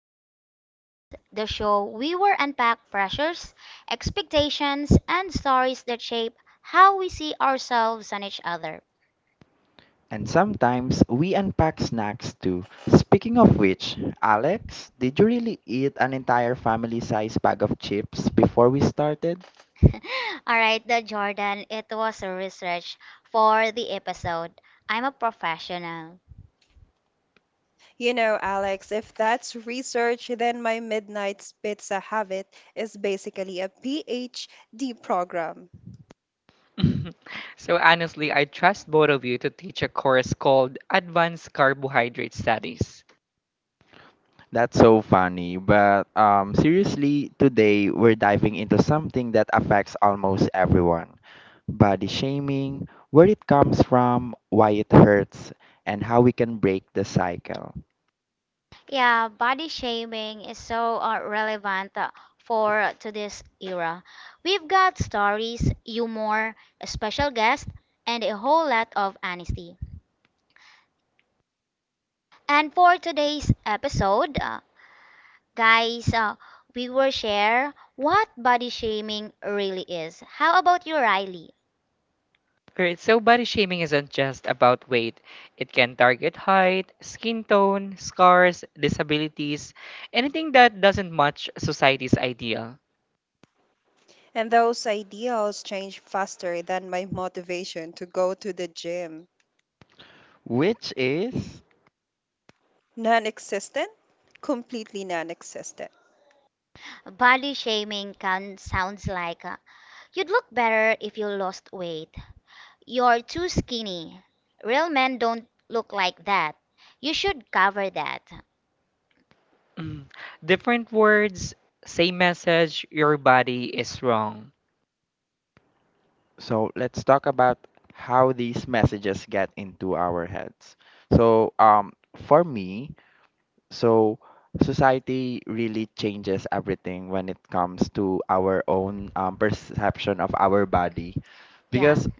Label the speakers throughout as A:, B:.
A: Weight of Words, the show we will unpack pressures, expectations, and stories that shape how we see ourselves and each other.
B: And sometimes we unpack snacks too. Speaking of which, Alex, did you really eat an entire family sized bag of chips before we started?
A: All right, the Jordan, it was a research for the episode. I'm a professional.
C: You know, Alex, if that's research, then my Midnight's Pizza Habit is basically a PhD program.
D: So honestly, I trust both of you to teach a course called Advanced Carbohydrate Studies.
B: That's so funny, but seriously, today we're diving into something that affects almost everyone, body shaming, where it comes from, why it hurts, and how we can break the cycle.
A: Yeah, body shaming is so relevant for to this era. We've got stories, humor, a special guest, and a whole lot of honesty. And for today's episode, guys, uh, we will share what body shaming really is. How about you, Riley?
D: Great. So body shaming isn't just about weight. It can target height, skin tone, scars, disabilities, anything that doesn't match society's ideal.
C: And those ideals change faster than my motivation to go to the gym.
B: Which is?
C: Non existent? Completely non existent.
A: Body shaming can sounds like you'd look better if you lost weight. You're too skinny. Real men don't look like that. You should cover that.
D: Mm. Different words, same message, your body is wrong.
B: So let's talk about how these messages get into our heads. So um for me, so society really changes everything when it comes to our own perception of our body,
A: Yeah.
B: because
A: Yes.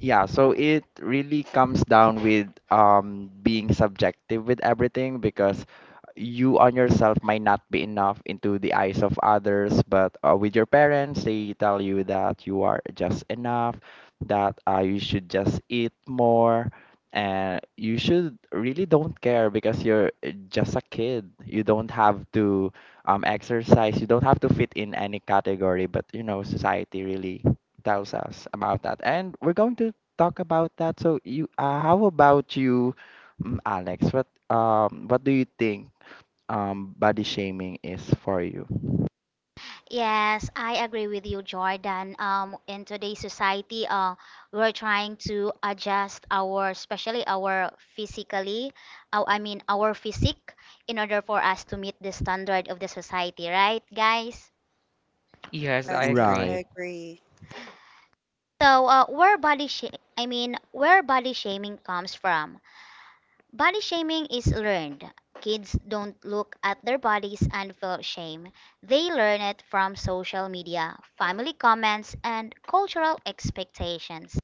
B: yeah, so it really comes down with being subjective with everything, because you on yourself might not be enough into the eyes of others, but with your parents, they tell you that you are just enough, that you should just eat more, and you should really don't care because you're just a kid. You don't have to exercise, you don't have to fit in any category, but you know, society really tells us about that, and we're going to talk about that. So, how about you, Alex? What do you think, body shaming is for you?
A: Yes, I agree with you, Jordan. In today's society, we're trying to adjust our, especially our physically, I mean our physique, in order for us to meet the standard of the society, right, guys?
D: Yes, I
C: Yes, yes, I
D: agree.
B: Right.
C: agree.
A: So, where body sh- I mean, where body shaming comes from? Body shaming is learned. Kids don't look at their bodies and feel shame. They learn it from social media, family comments, and cultural expectations.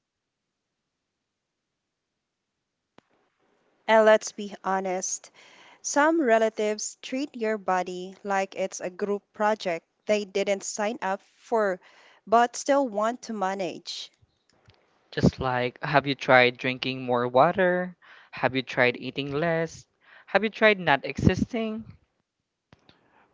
C: And let's be honest, some relatives treat your body like it's a group project they didn't sign up for but still want to manage.
D: Just like, have you tried drinking more water? Have you tried eating less? Have you tried not existing?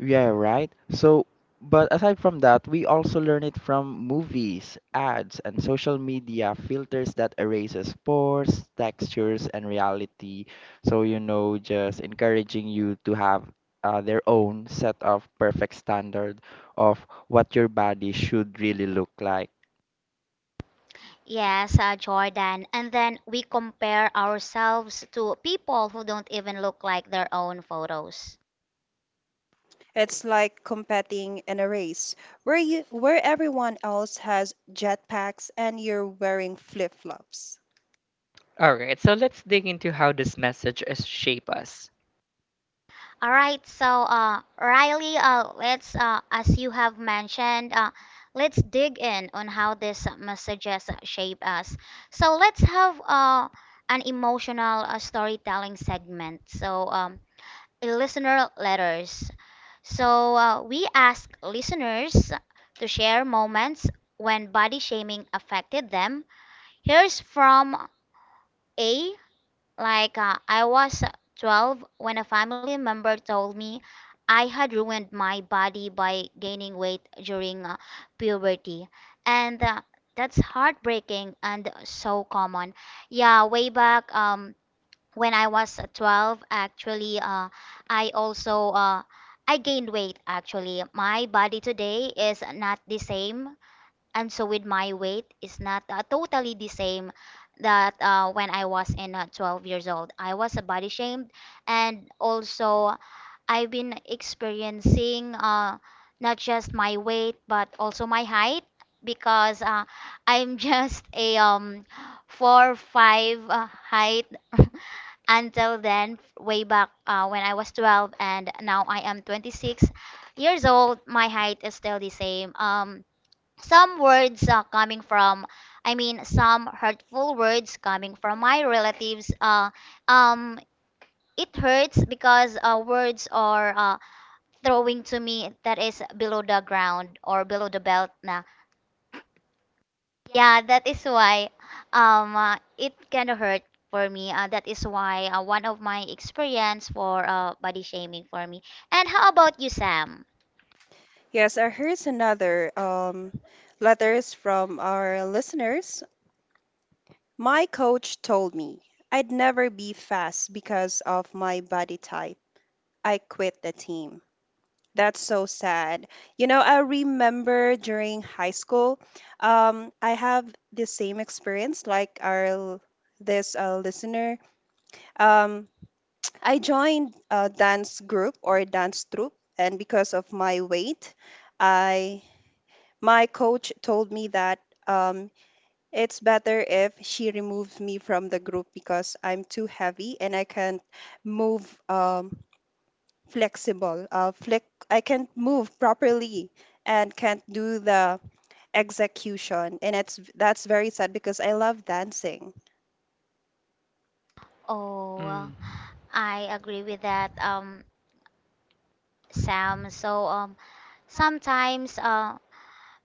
B: Yeah, right. So, but aside from that, we also learn it from movies, ads, and social media filters that erases pores, textures, and reality. So, you know, just encouraging you to have their own set of perfect standard of what your body should really look like.
A: Yes, Jordan. And then we compare ourselves to people who don't even look like their own photos.
C: It's like competing in a race where everyone else has jetpacks and you're wearing flip-flops.
D: Alright, so let's dig into how this message is shape us.
A: All right, so Riley, as you have mentioned, let's dig in on how these messages shape us. So let's have an emotional storytelling segment. Listener letters. So we ask listeners to share moments when body shaming affected them. Here's from A. I was 12 when a family member told me I had ruined my body by gaining weight during puberty. And that's heartbreaking and so common. Yeah, way back when I was 12, actually, I also uh, I gained weight actually. My body today is not the same, and so with my weight it's not totally the same that when I was in 12 years old. I was body shamed, and also I've been experiencing not just my weight but also my height because I'm just a 4'5" height until then way back when I was 12, and now I am 26 years old. My height is still the same. Some words coming from, I mean some hurtful words coming from my relatives, um it hurts because words are throwing to me that is below the ground or below the belt na. Yeah, that is why, it kind of hurt for me. That is why one of my experience for body shaming for me. And how about you, Sam?
C: Yes, here's another letters from our listeners. My coach told me I'd never be fast because of my body type. I quit the team. That's so sad. You know, I remember during high school, I have the same experience like this listener. Um, I joined a dance group or dance troupe, and because of my weight, I my coach told me that um, it's better if she removes me from the group because I'm too heavy and I can't move flexible. Flex I can't move properly and can't do the execution, and it's that's very sad because I love dancing.
A: Oh,
D: Mm.
A: I agree with that, Sam. So sometimes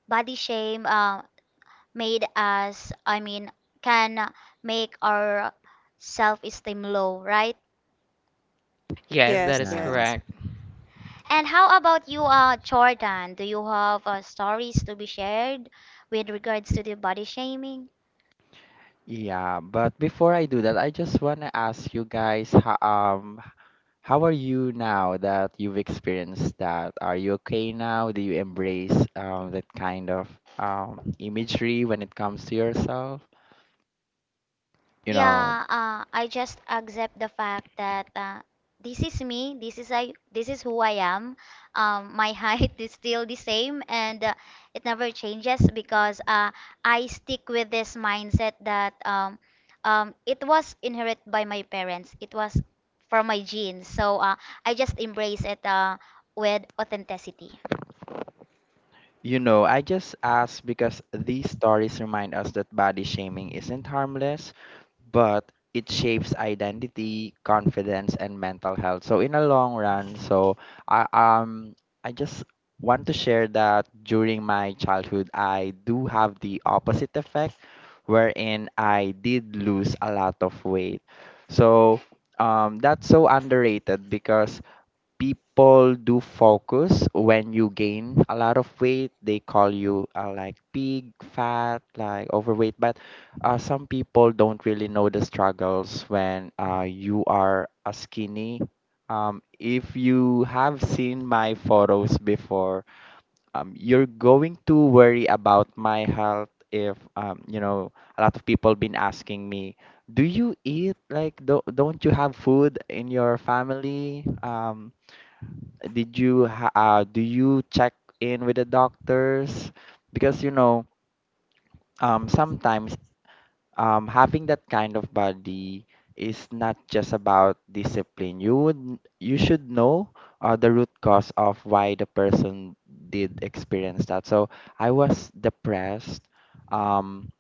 A: body shame made us, I mean, can make our self-esteem low, right?
D: Yes,
C: Yes,
D: that is
C: yes.
B: Yeah.
D: correct.
A: And how about you, Jordan? Do you have stories to be shared with regards to the body shaming?
B: Yeah, but before I do that, I just want to ask you guys, how are you now that you've experienced that? Are you okay now? Do you embrace that kind of imagery when it comes to yourself? You know,
A: Yeah, I just accept the fact that this is me. This is I. This is who I am. My height is still the same, and it never changes because I stick with this mindset that, it was inherited by my parents. It was from my genes. So I just embrace it with authenticity.
B: you know, I just ask because these stories remind us that body shaming isn't harmless, but it shapes identity, confidence, and mental health. So in a long run, I um I just want to share that during my childhood, I do have the opposite effect, wherein I did lose a lot of weight. So that's so underrated because people do focus when you gain a lot of weight, they call you like big fat, like overweight, but some people don't really know the struggles when you are a skinny, if you have seen my photos before, you're going to worry about my health. If you know, a lot of people been asking me, do you eat, don't you have food in your family, do you check in with the doctors? Because you know, sometimes, having that kind of body is not just about discipline. You should know the root cause of why the person did experience that. So I was depressed. Um,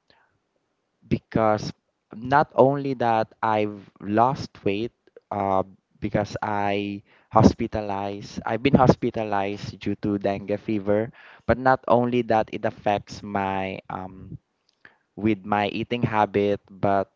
B: because not only that I've lost weight, uh, because I've been hospitalized due to dengue fever, but not only that, it affects my with my eating habit, but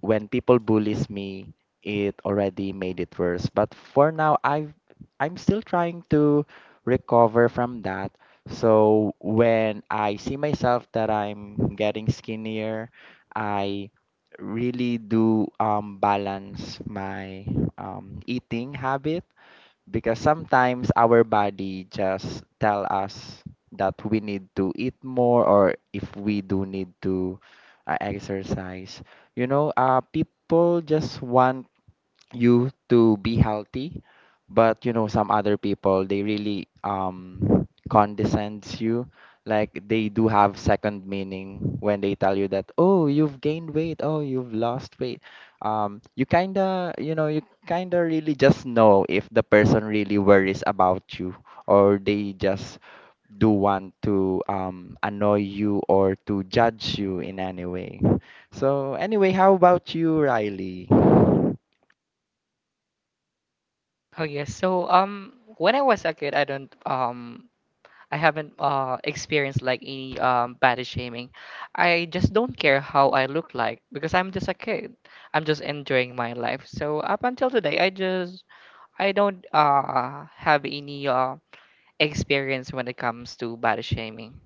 B: when people bullies me, it already made it worse. But for now, I'm still trying to recover from that. So when I see myself that I'm getting skinnier, I really do balance my eating habit, because sometimes our body just tell us that we need to eat more, or if we do need to exercise. You know, people just want you to be healthy, but you know, some other people they really condescends you, like they do have second meaning when they tell you that, oh, you've gained weight, oh, you've lost weight. You kind of, you know, you really just know if the person really worries about you, or they just do want to annoy you or to judge you in any way. So anyway, how about you, Riley?
D: Oh yes, so when I was a kid I don't, I haven't experienced like any body shaming. I just don't care how I look like because I'm just a kid. I'm just enjoying my life. So up until today I don't have any experience when it comes to body shaming.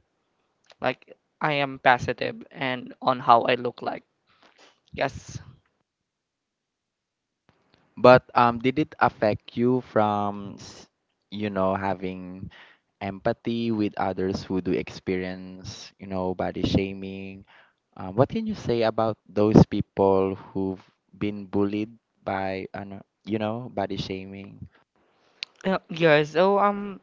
D: Like I am positive and on how I look like. Yes.
B: But did it affect you from, you know, having empathy with others who do experience, you know, body shaming? What can you say about those people who've been bullied by, ano, you know, body shaming?
D: Yeah, so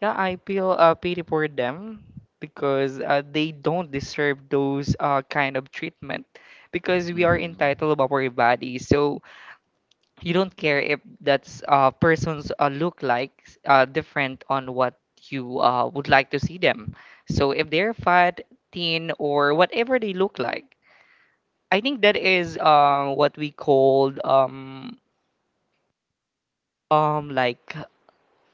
D: yeah, I feel pity for them because they don't deserve those kind of treatment because we are
B: Mhm.
D: entitled of our body. So you don't care if that's person's look like different on what you would like to see them. So if they're fat, thin, or whatever they look like, I think that is what we called like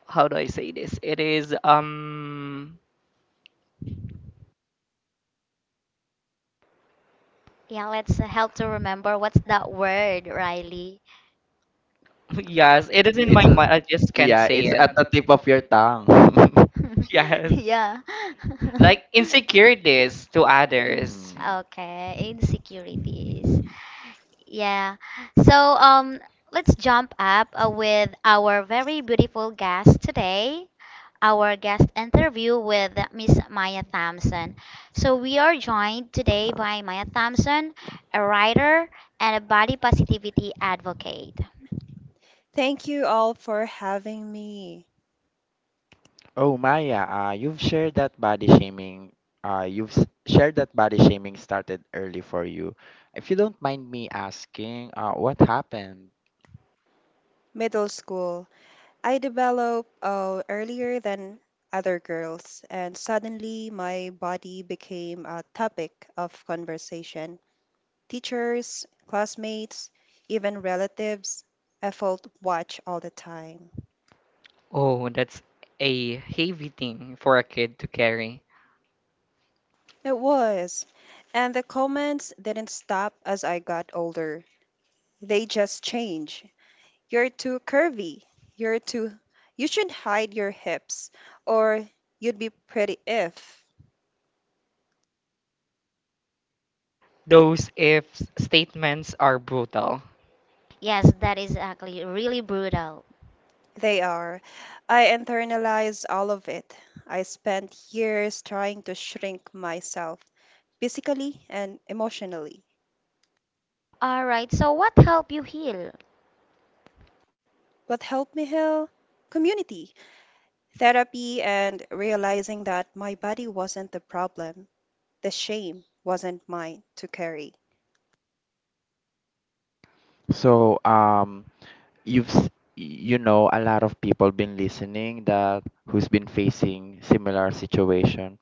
D: how do I say this? It is
A: Yeah, let's help to remember what's that word, Riley.
D: yes, it is in my
B: It's a,
D: mind. I just can't
B: yeah,
D: say
B: it's
D: it.
B: at the tip of your tongue.
D: Yes.
A: Yeah.
D: Like insecurities to others.
B: Mhm.
A: Okay, insecurities. Yeah. So let's jump up with our very beautiful guest today, our guest interview with Miss Maya Thompson. So we are joined today by Maya Thompson, a writer and a body positivity advocate.
C: Thank you all for having me.
B: Oh, Maya, you've shared that body shaming. Shared that body shaming started early for you. If you don't mind me asking, what happened?
C: Middle school, I developed earlier than other girls, and suddenly my body became a topic of conversation. Teachers, classmates, even relatives, I felt watch all the time.
D: Oh, that's a heavy thing for a kid to carry.
C: It was. And the comments didn't stop as I got older. They just changed. You're too curvy. You're too. You should hide your hips, or you'd be pretty if.
D: Those if statements are brutal.
A: Yes, that is actually really brutal.
C: They are. I internalized all of it. I spent years trying to shrink myself, physically and emotionally.
A: All right. So what helped you heal?
C: What helped me heal? Community, therapy, and realizing that my body wasn't the problem. The shame wasn't mine to carry.
B: So, you know, a lot of people been listening that who's been facing similar situation.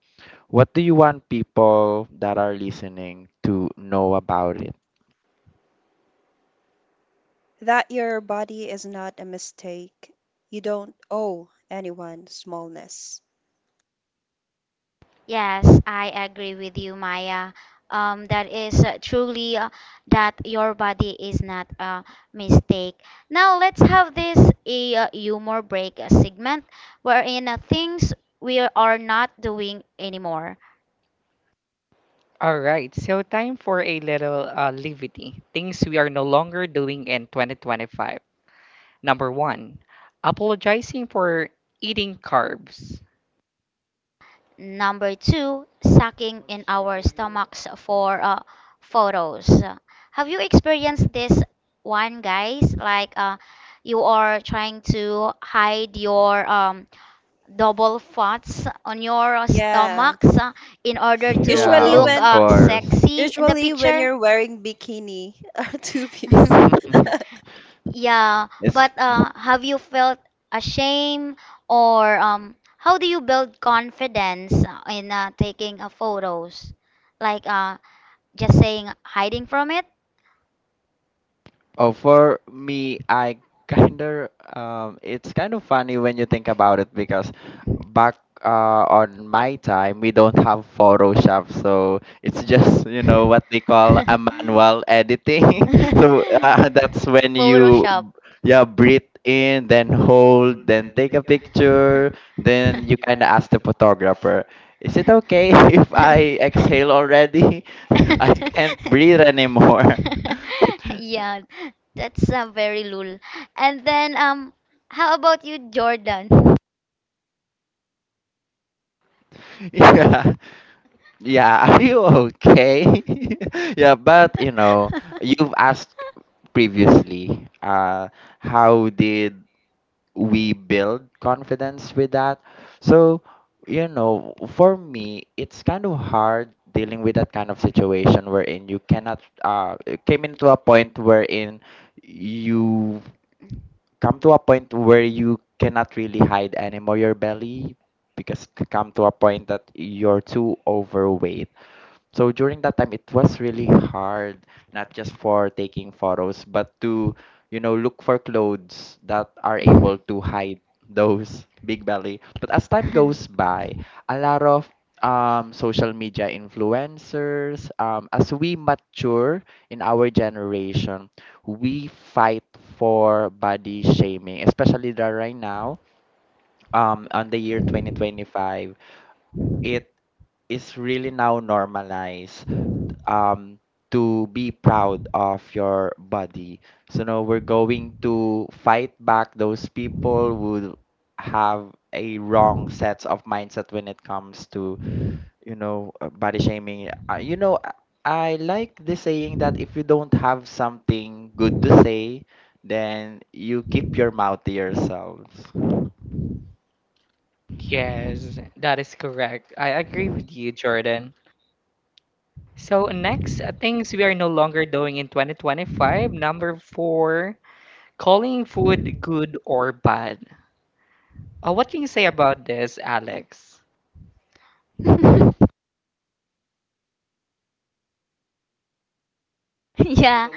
B: What do you want people that are listening to know about it?
C: That your body is not a mistake. You don't owe anyone smallness.
A: Yes, I agree with you, Maya. That is truly that your body is not a mistake. Now let's have this a humor break segment wherein things we are not doing anymore.
D: All right, so time for a little levity. Things we are no longer doing in 2025. Number one, apologizing for eating carbs.
A: Number two, sucking in our stomachs for photos. Have you experienced this one, guys? Like you are trying to hide your double fats on your
C: Yeah.
A: stomachs in order to
B: Yeah,
C: Usually
A: look
B: of
C: when
B: course.
A: sexy in the
C: usually when
A: picture?
C: you're wearing bikini or two piece.
A: Yeah,
B: It's.
A: but have you felt ashamed, or how do you build confidence in taking photos? Like just saying hiding from it?
B: Oh, for me, I kind of it's kind of funny when you think about it, because back on my time we don't have Photoshop, so it's just, you know what they call a manual editing. So that's when you,
A: Photoshop.
B: yeah, breathe in, then hold, then take a picture, then you kind of ask the photographer, "Is it okay if I exhale already? I can't breathe anymore."
A: Yeah, that's very lul. And then how about you, Jordan?
B: Yeah. Yeah, are you okay? Yeah, but you know, you've asked previously, how did we build confidence with that? So, you know, for me, it's kind of hard dealing with that kind of situation wherein you cannot, it came into a point wherein you come to a point where you cannot really hide anymore your belly, because come to a point that you're too overweight. So during that time, it was really hard, not just for taking photos, but to, you know, look for clothes that are able to hide those big belly. But as time goes by, a lot of social media influencers, as we mature in our generation, we fight for body shaming, especially that right now, on the year 2025, it is really now normalized um to be proud of your body. So now we're going to fight back those people who have a wrong sets of mindset when it comes to, you know, body shaming. You know, I like the saying that if you don't have something good to say, then you keep your mouth to yourselves.
D: Yes, that is correct. I agree with you, Jordan. So, next, things we are no longer doing in 2025. Number four, calling food good or bad. What can you say about this, Alex?
A: Yeah.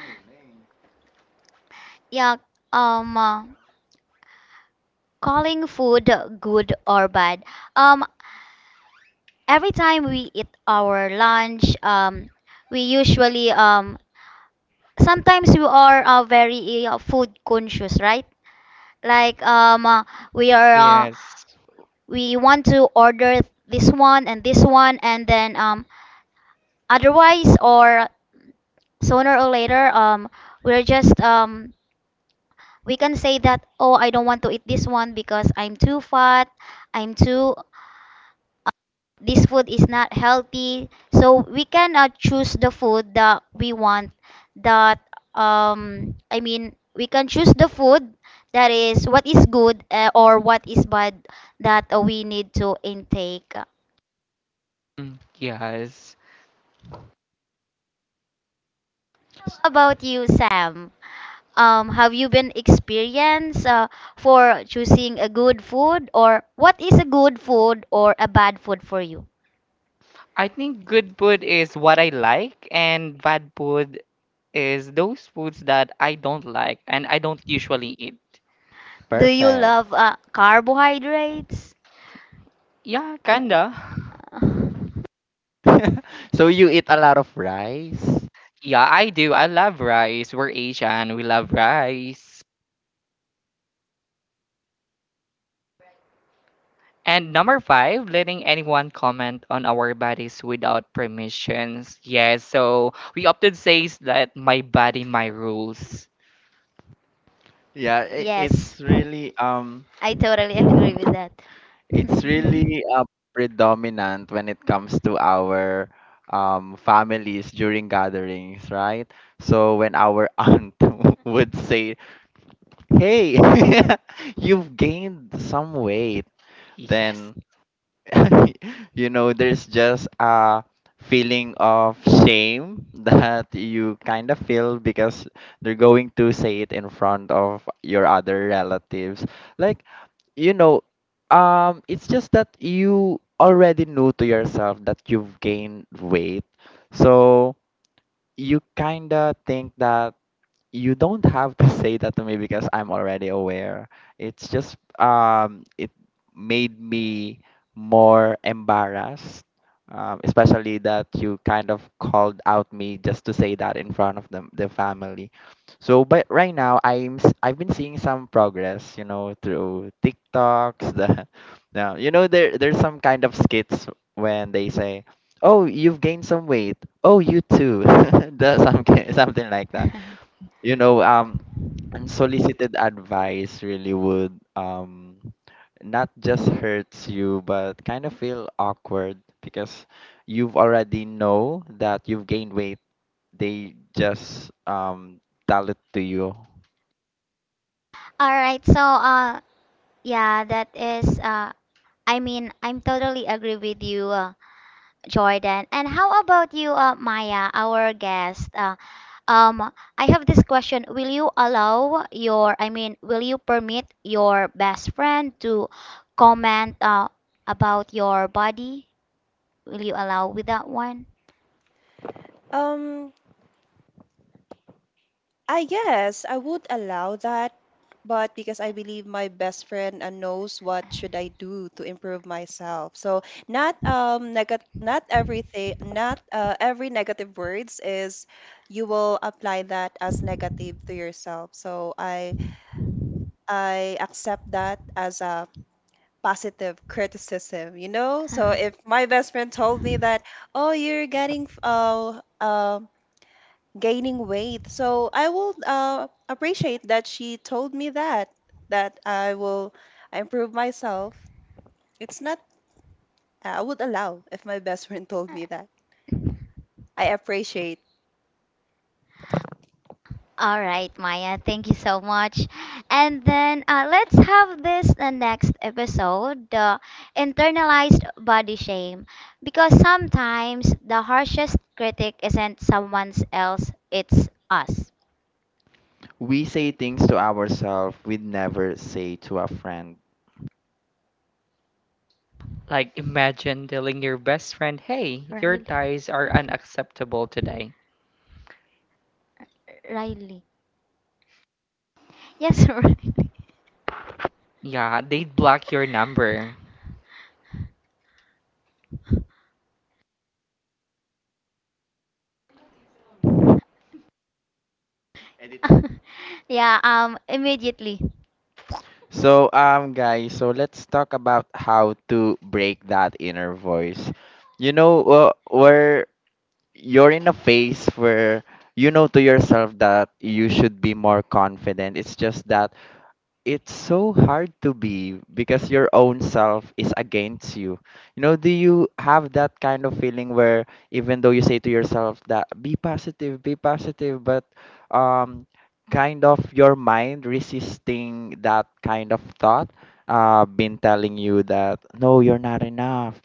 A: Eh. Yeah, um, uh, calling food good or bad. Um, every time we eat our lunch, we usually, sometimes we are very food conscious, right? Like um, uh, we are uh,
D: Yes.
A: we want to order this one, and then, otherwise or sooner or later, we're just um, we can say that, oh, I don't want to eat this one because I'm too fat, I'm too, this food is not healthy, so we cannot choose the food that we want, that, I mean we can choose the food that is what is good or what is bad that we need to intake. How
D: Mm, yes.
A: about you, Sam? Have you been experienced for choosing a good food, or what is a good food or a bad food for you?
D: I think good food is what I like, and bad food is those foods that I don't like and I don't usually eat.
A: Do you
B: Perfect.
A: love carbohydrates?
D: Yeah, kinda.
B: So you eat a lot of rice.
D: Yeah, I do. I love rice. We're Asian. We love rice. And number five, letting anyone comment on our bodies without permissions. Yes, so we often says that my body, my rules.
A: Yes,
B: It's really.
A: I totally agree with that.
B: It's really, predominant when it comes to our, families during gatherings, right? So when our aunt would say, "Hey, you've gained some weight,"
D: Yes.
B: then you know there's just a feeling of shame that you kind of feel because they're going to say it in front of your other relatives. Like, you know, it's just that you already know to yourself that you've gained weight. So you kinda think that you don't have to say that to me because I'm already aware. It's just it made me more embarrassed, especially that you kind of called out me just to say that in front of the family. So, but right now I've been seeing some progress, you know, through TikToks. The now you know there's some kind of skits when they say, "Oh, you've gained some weight." Oh, you too. That's something like that, you know. Unsolicited advice really would not just hurts you but kind of feel awkward because you've already know that you've gained weight, they just tell it to you.
A: All right. So, yeah, that is, I'm totally agree with you, Jordan. And how about you, Maya, our guest? I have this question. Will you permit your best friend to comment, about your body? Will you allow with that one?
C: Um I guess I would allow that, but because I believe my best friend knows what should I do to improve myself. So not everything not every negative words is you will apply that as negative to yourself. So I accept that as a positive criticism, you know? So if my best friend told me that, "Oh, you're getting gaining weight." So I will appreciate that she told me that I will improve myself. It's not. I would allow if my best friend told me that. I appreciate.
A: All right, Maya. Thank you so much. And then let's have this the next episode, the internalized body shame, because sometimes the harshest critic isn't someone else, it's us.
B: We say things to ourselves we'd never say to a friend.
D: Like imagine telling your best friend, hey, your
A: Riley.
D: ties are unacceptable today.
A: Riley. Yes, Riley.
D: Yeah, they'd block your number.
A: Yeah, immediately.
B: So guys, so let's talk about how to break that inner voice. You know, we're you're in a phase where you know to yourself that you should be more confident. It's just that it's so hard to be because your own self is against you. You know, do you have that kind of feeling where even though you say to yourself that be positive, but um kind of your mind resisting that kind of thought, been telling you that no, you're not enough,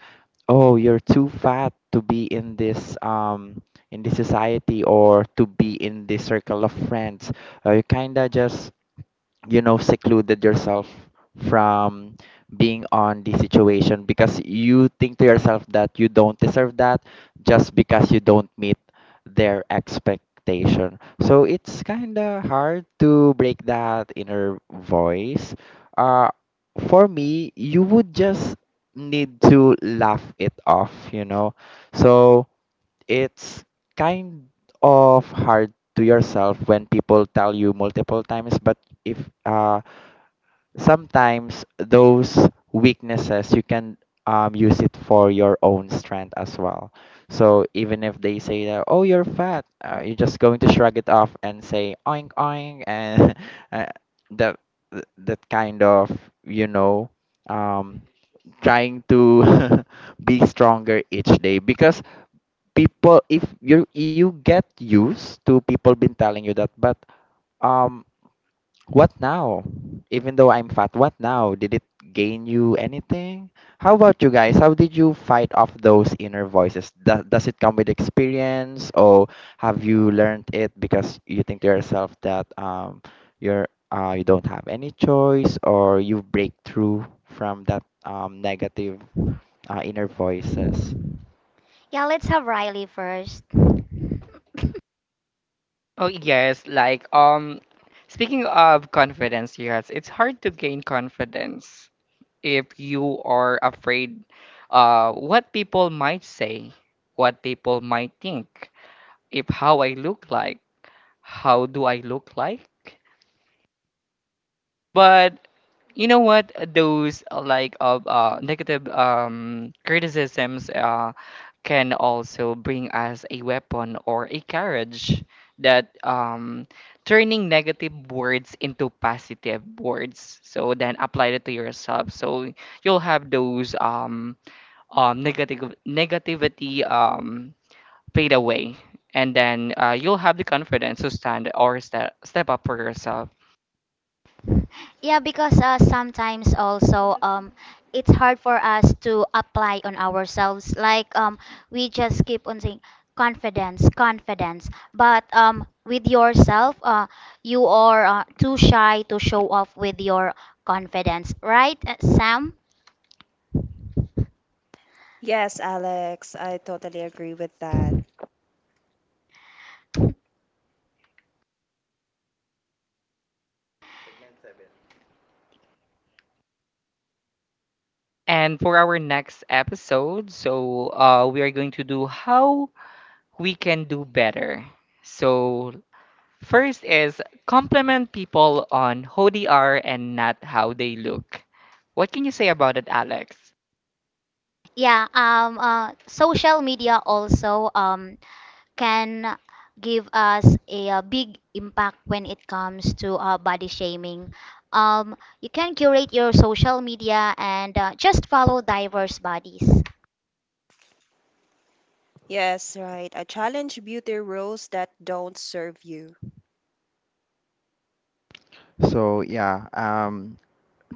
B: oh, you're too fat to be in this in this society or to be in this circle of friends. You kinda just, you know, secluded yourself from being on the situation because you think to yourself that you don't deserve that just because you don't meet their expectation. So it's kind of hard to break that inner voice. uh for me, you would just need to laugh it off, you know. So it's kind of hard to yourself when people tell you multiple times, but if uh, sometimes those weaknesses you can use it for your own strength as well. So even if they say that, oh, you're fat, you're just going to shrug it off and say oink oink, and uh, that that kind of, you know, um, trying to be stronger each day because people, if you get used to people been telling you that, but um what now, even though I'm fat, what now? Did it gain you anything? How about you guys? How did you fight off those inner voices? Does it come with experience, or have you learned it because you think to yourself that you're you don't have any choice, or you break through from that negative inner voices?
A: Yeah, let's have Riley first.
D: Oh yes, like speaking of confidence, yes, it's hard to gain confidence. If you are afraid what people might say, what people might think, if how I look like, how do I look like? But you know what? Those like of negative criticisms can also bring us a weapon or a carriage that turning negative words into positive words. So then apply it to yourself. So you'll have those negative negativity fade away, and then you'll have the confidence to stand or step up for yourself.
A: Yeah, because sometimes also it's hard for us to apply on ourselves. Like, we just keep on saying confidence, confidence. But with yourself, you are too shy to show off with your confidence, right, Sam?
C: Yes, Alex, I totally agree with that.
D: And for our next episode, so we are going to do how we can do better. So first is compliment people on who they are and not how they look. What can you say about it, Alex?
A: Yeah. Social media also can give us a, big impact when it comes to body shaming. You can curate your social media and just follow diverse bodies.
C: Yes, right. I challenge beauty rules that don't serve you.
B: So yeah,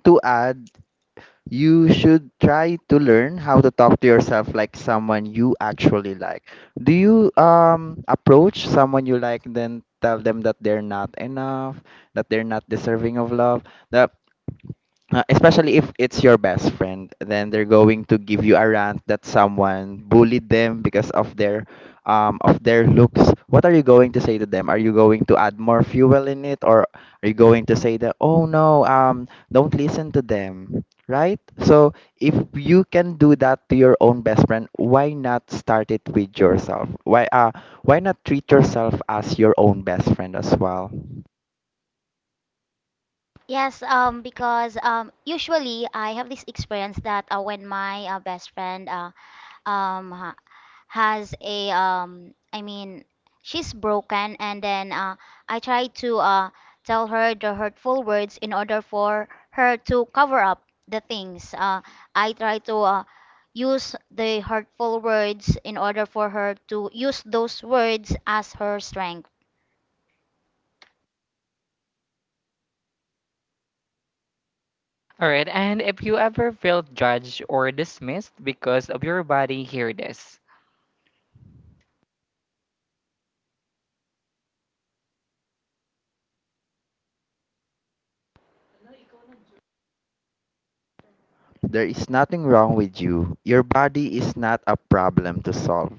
B: to add, you should try to learn how to talk to yourself like someone you actually like. Do you approach someone you like and then tell them that they're not enough, that they're not deserving of love? That especially if it's your best friend, then they're going to give you a rant that someone bullied them because of their looks. What are you going to say to them? Are you going to add more fuel in it, or are you going to say that, oh no, don't listen to them, right? So if you can do that to your own best friend, why not start it with yourself? Why not treat yourself as your own best friend as well?
A: Yes, because usually I have this experience that when my um, ha- has a, I mean she's broken, and then I try to tell her the hurtful words in order for her to cover up the things. I try to use the hurtful words in order for her to use those words as her strength.
D: All right, and if you ever felt judged or dismissed because of your body, hear this.
B: There is nothing wrong with you. Your body is not a problem to solve.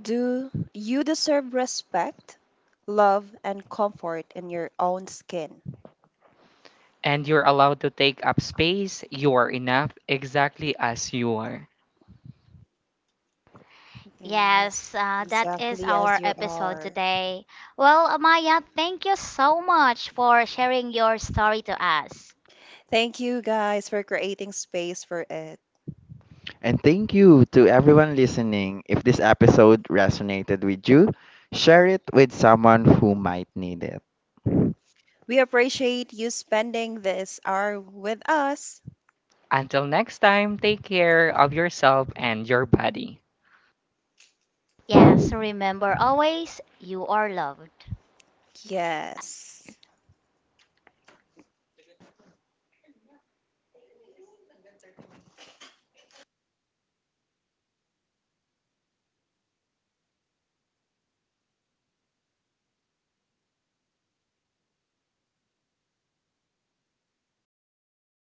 C: Do you deserve respect, love, and comfort in your own skin?
D: And you're allowed to take up space. You are enough exactly as you are.
C: Yes,
A: Yes, that is
C: exactly as
A: our
C: you
A: episode
C: are.
A: today. Well, Amaya, thank you so much for sharing your story to us.
C: Thank you guys for creating space for it.
B: And thank you to everyone listening. If this episode resonated with you, share it with someone who might need it.
C: We appreciate you spending this hour with us.
D: Until next time, take care of yourself and your body.
A: Yes, remember always you are loved.
C: Yes.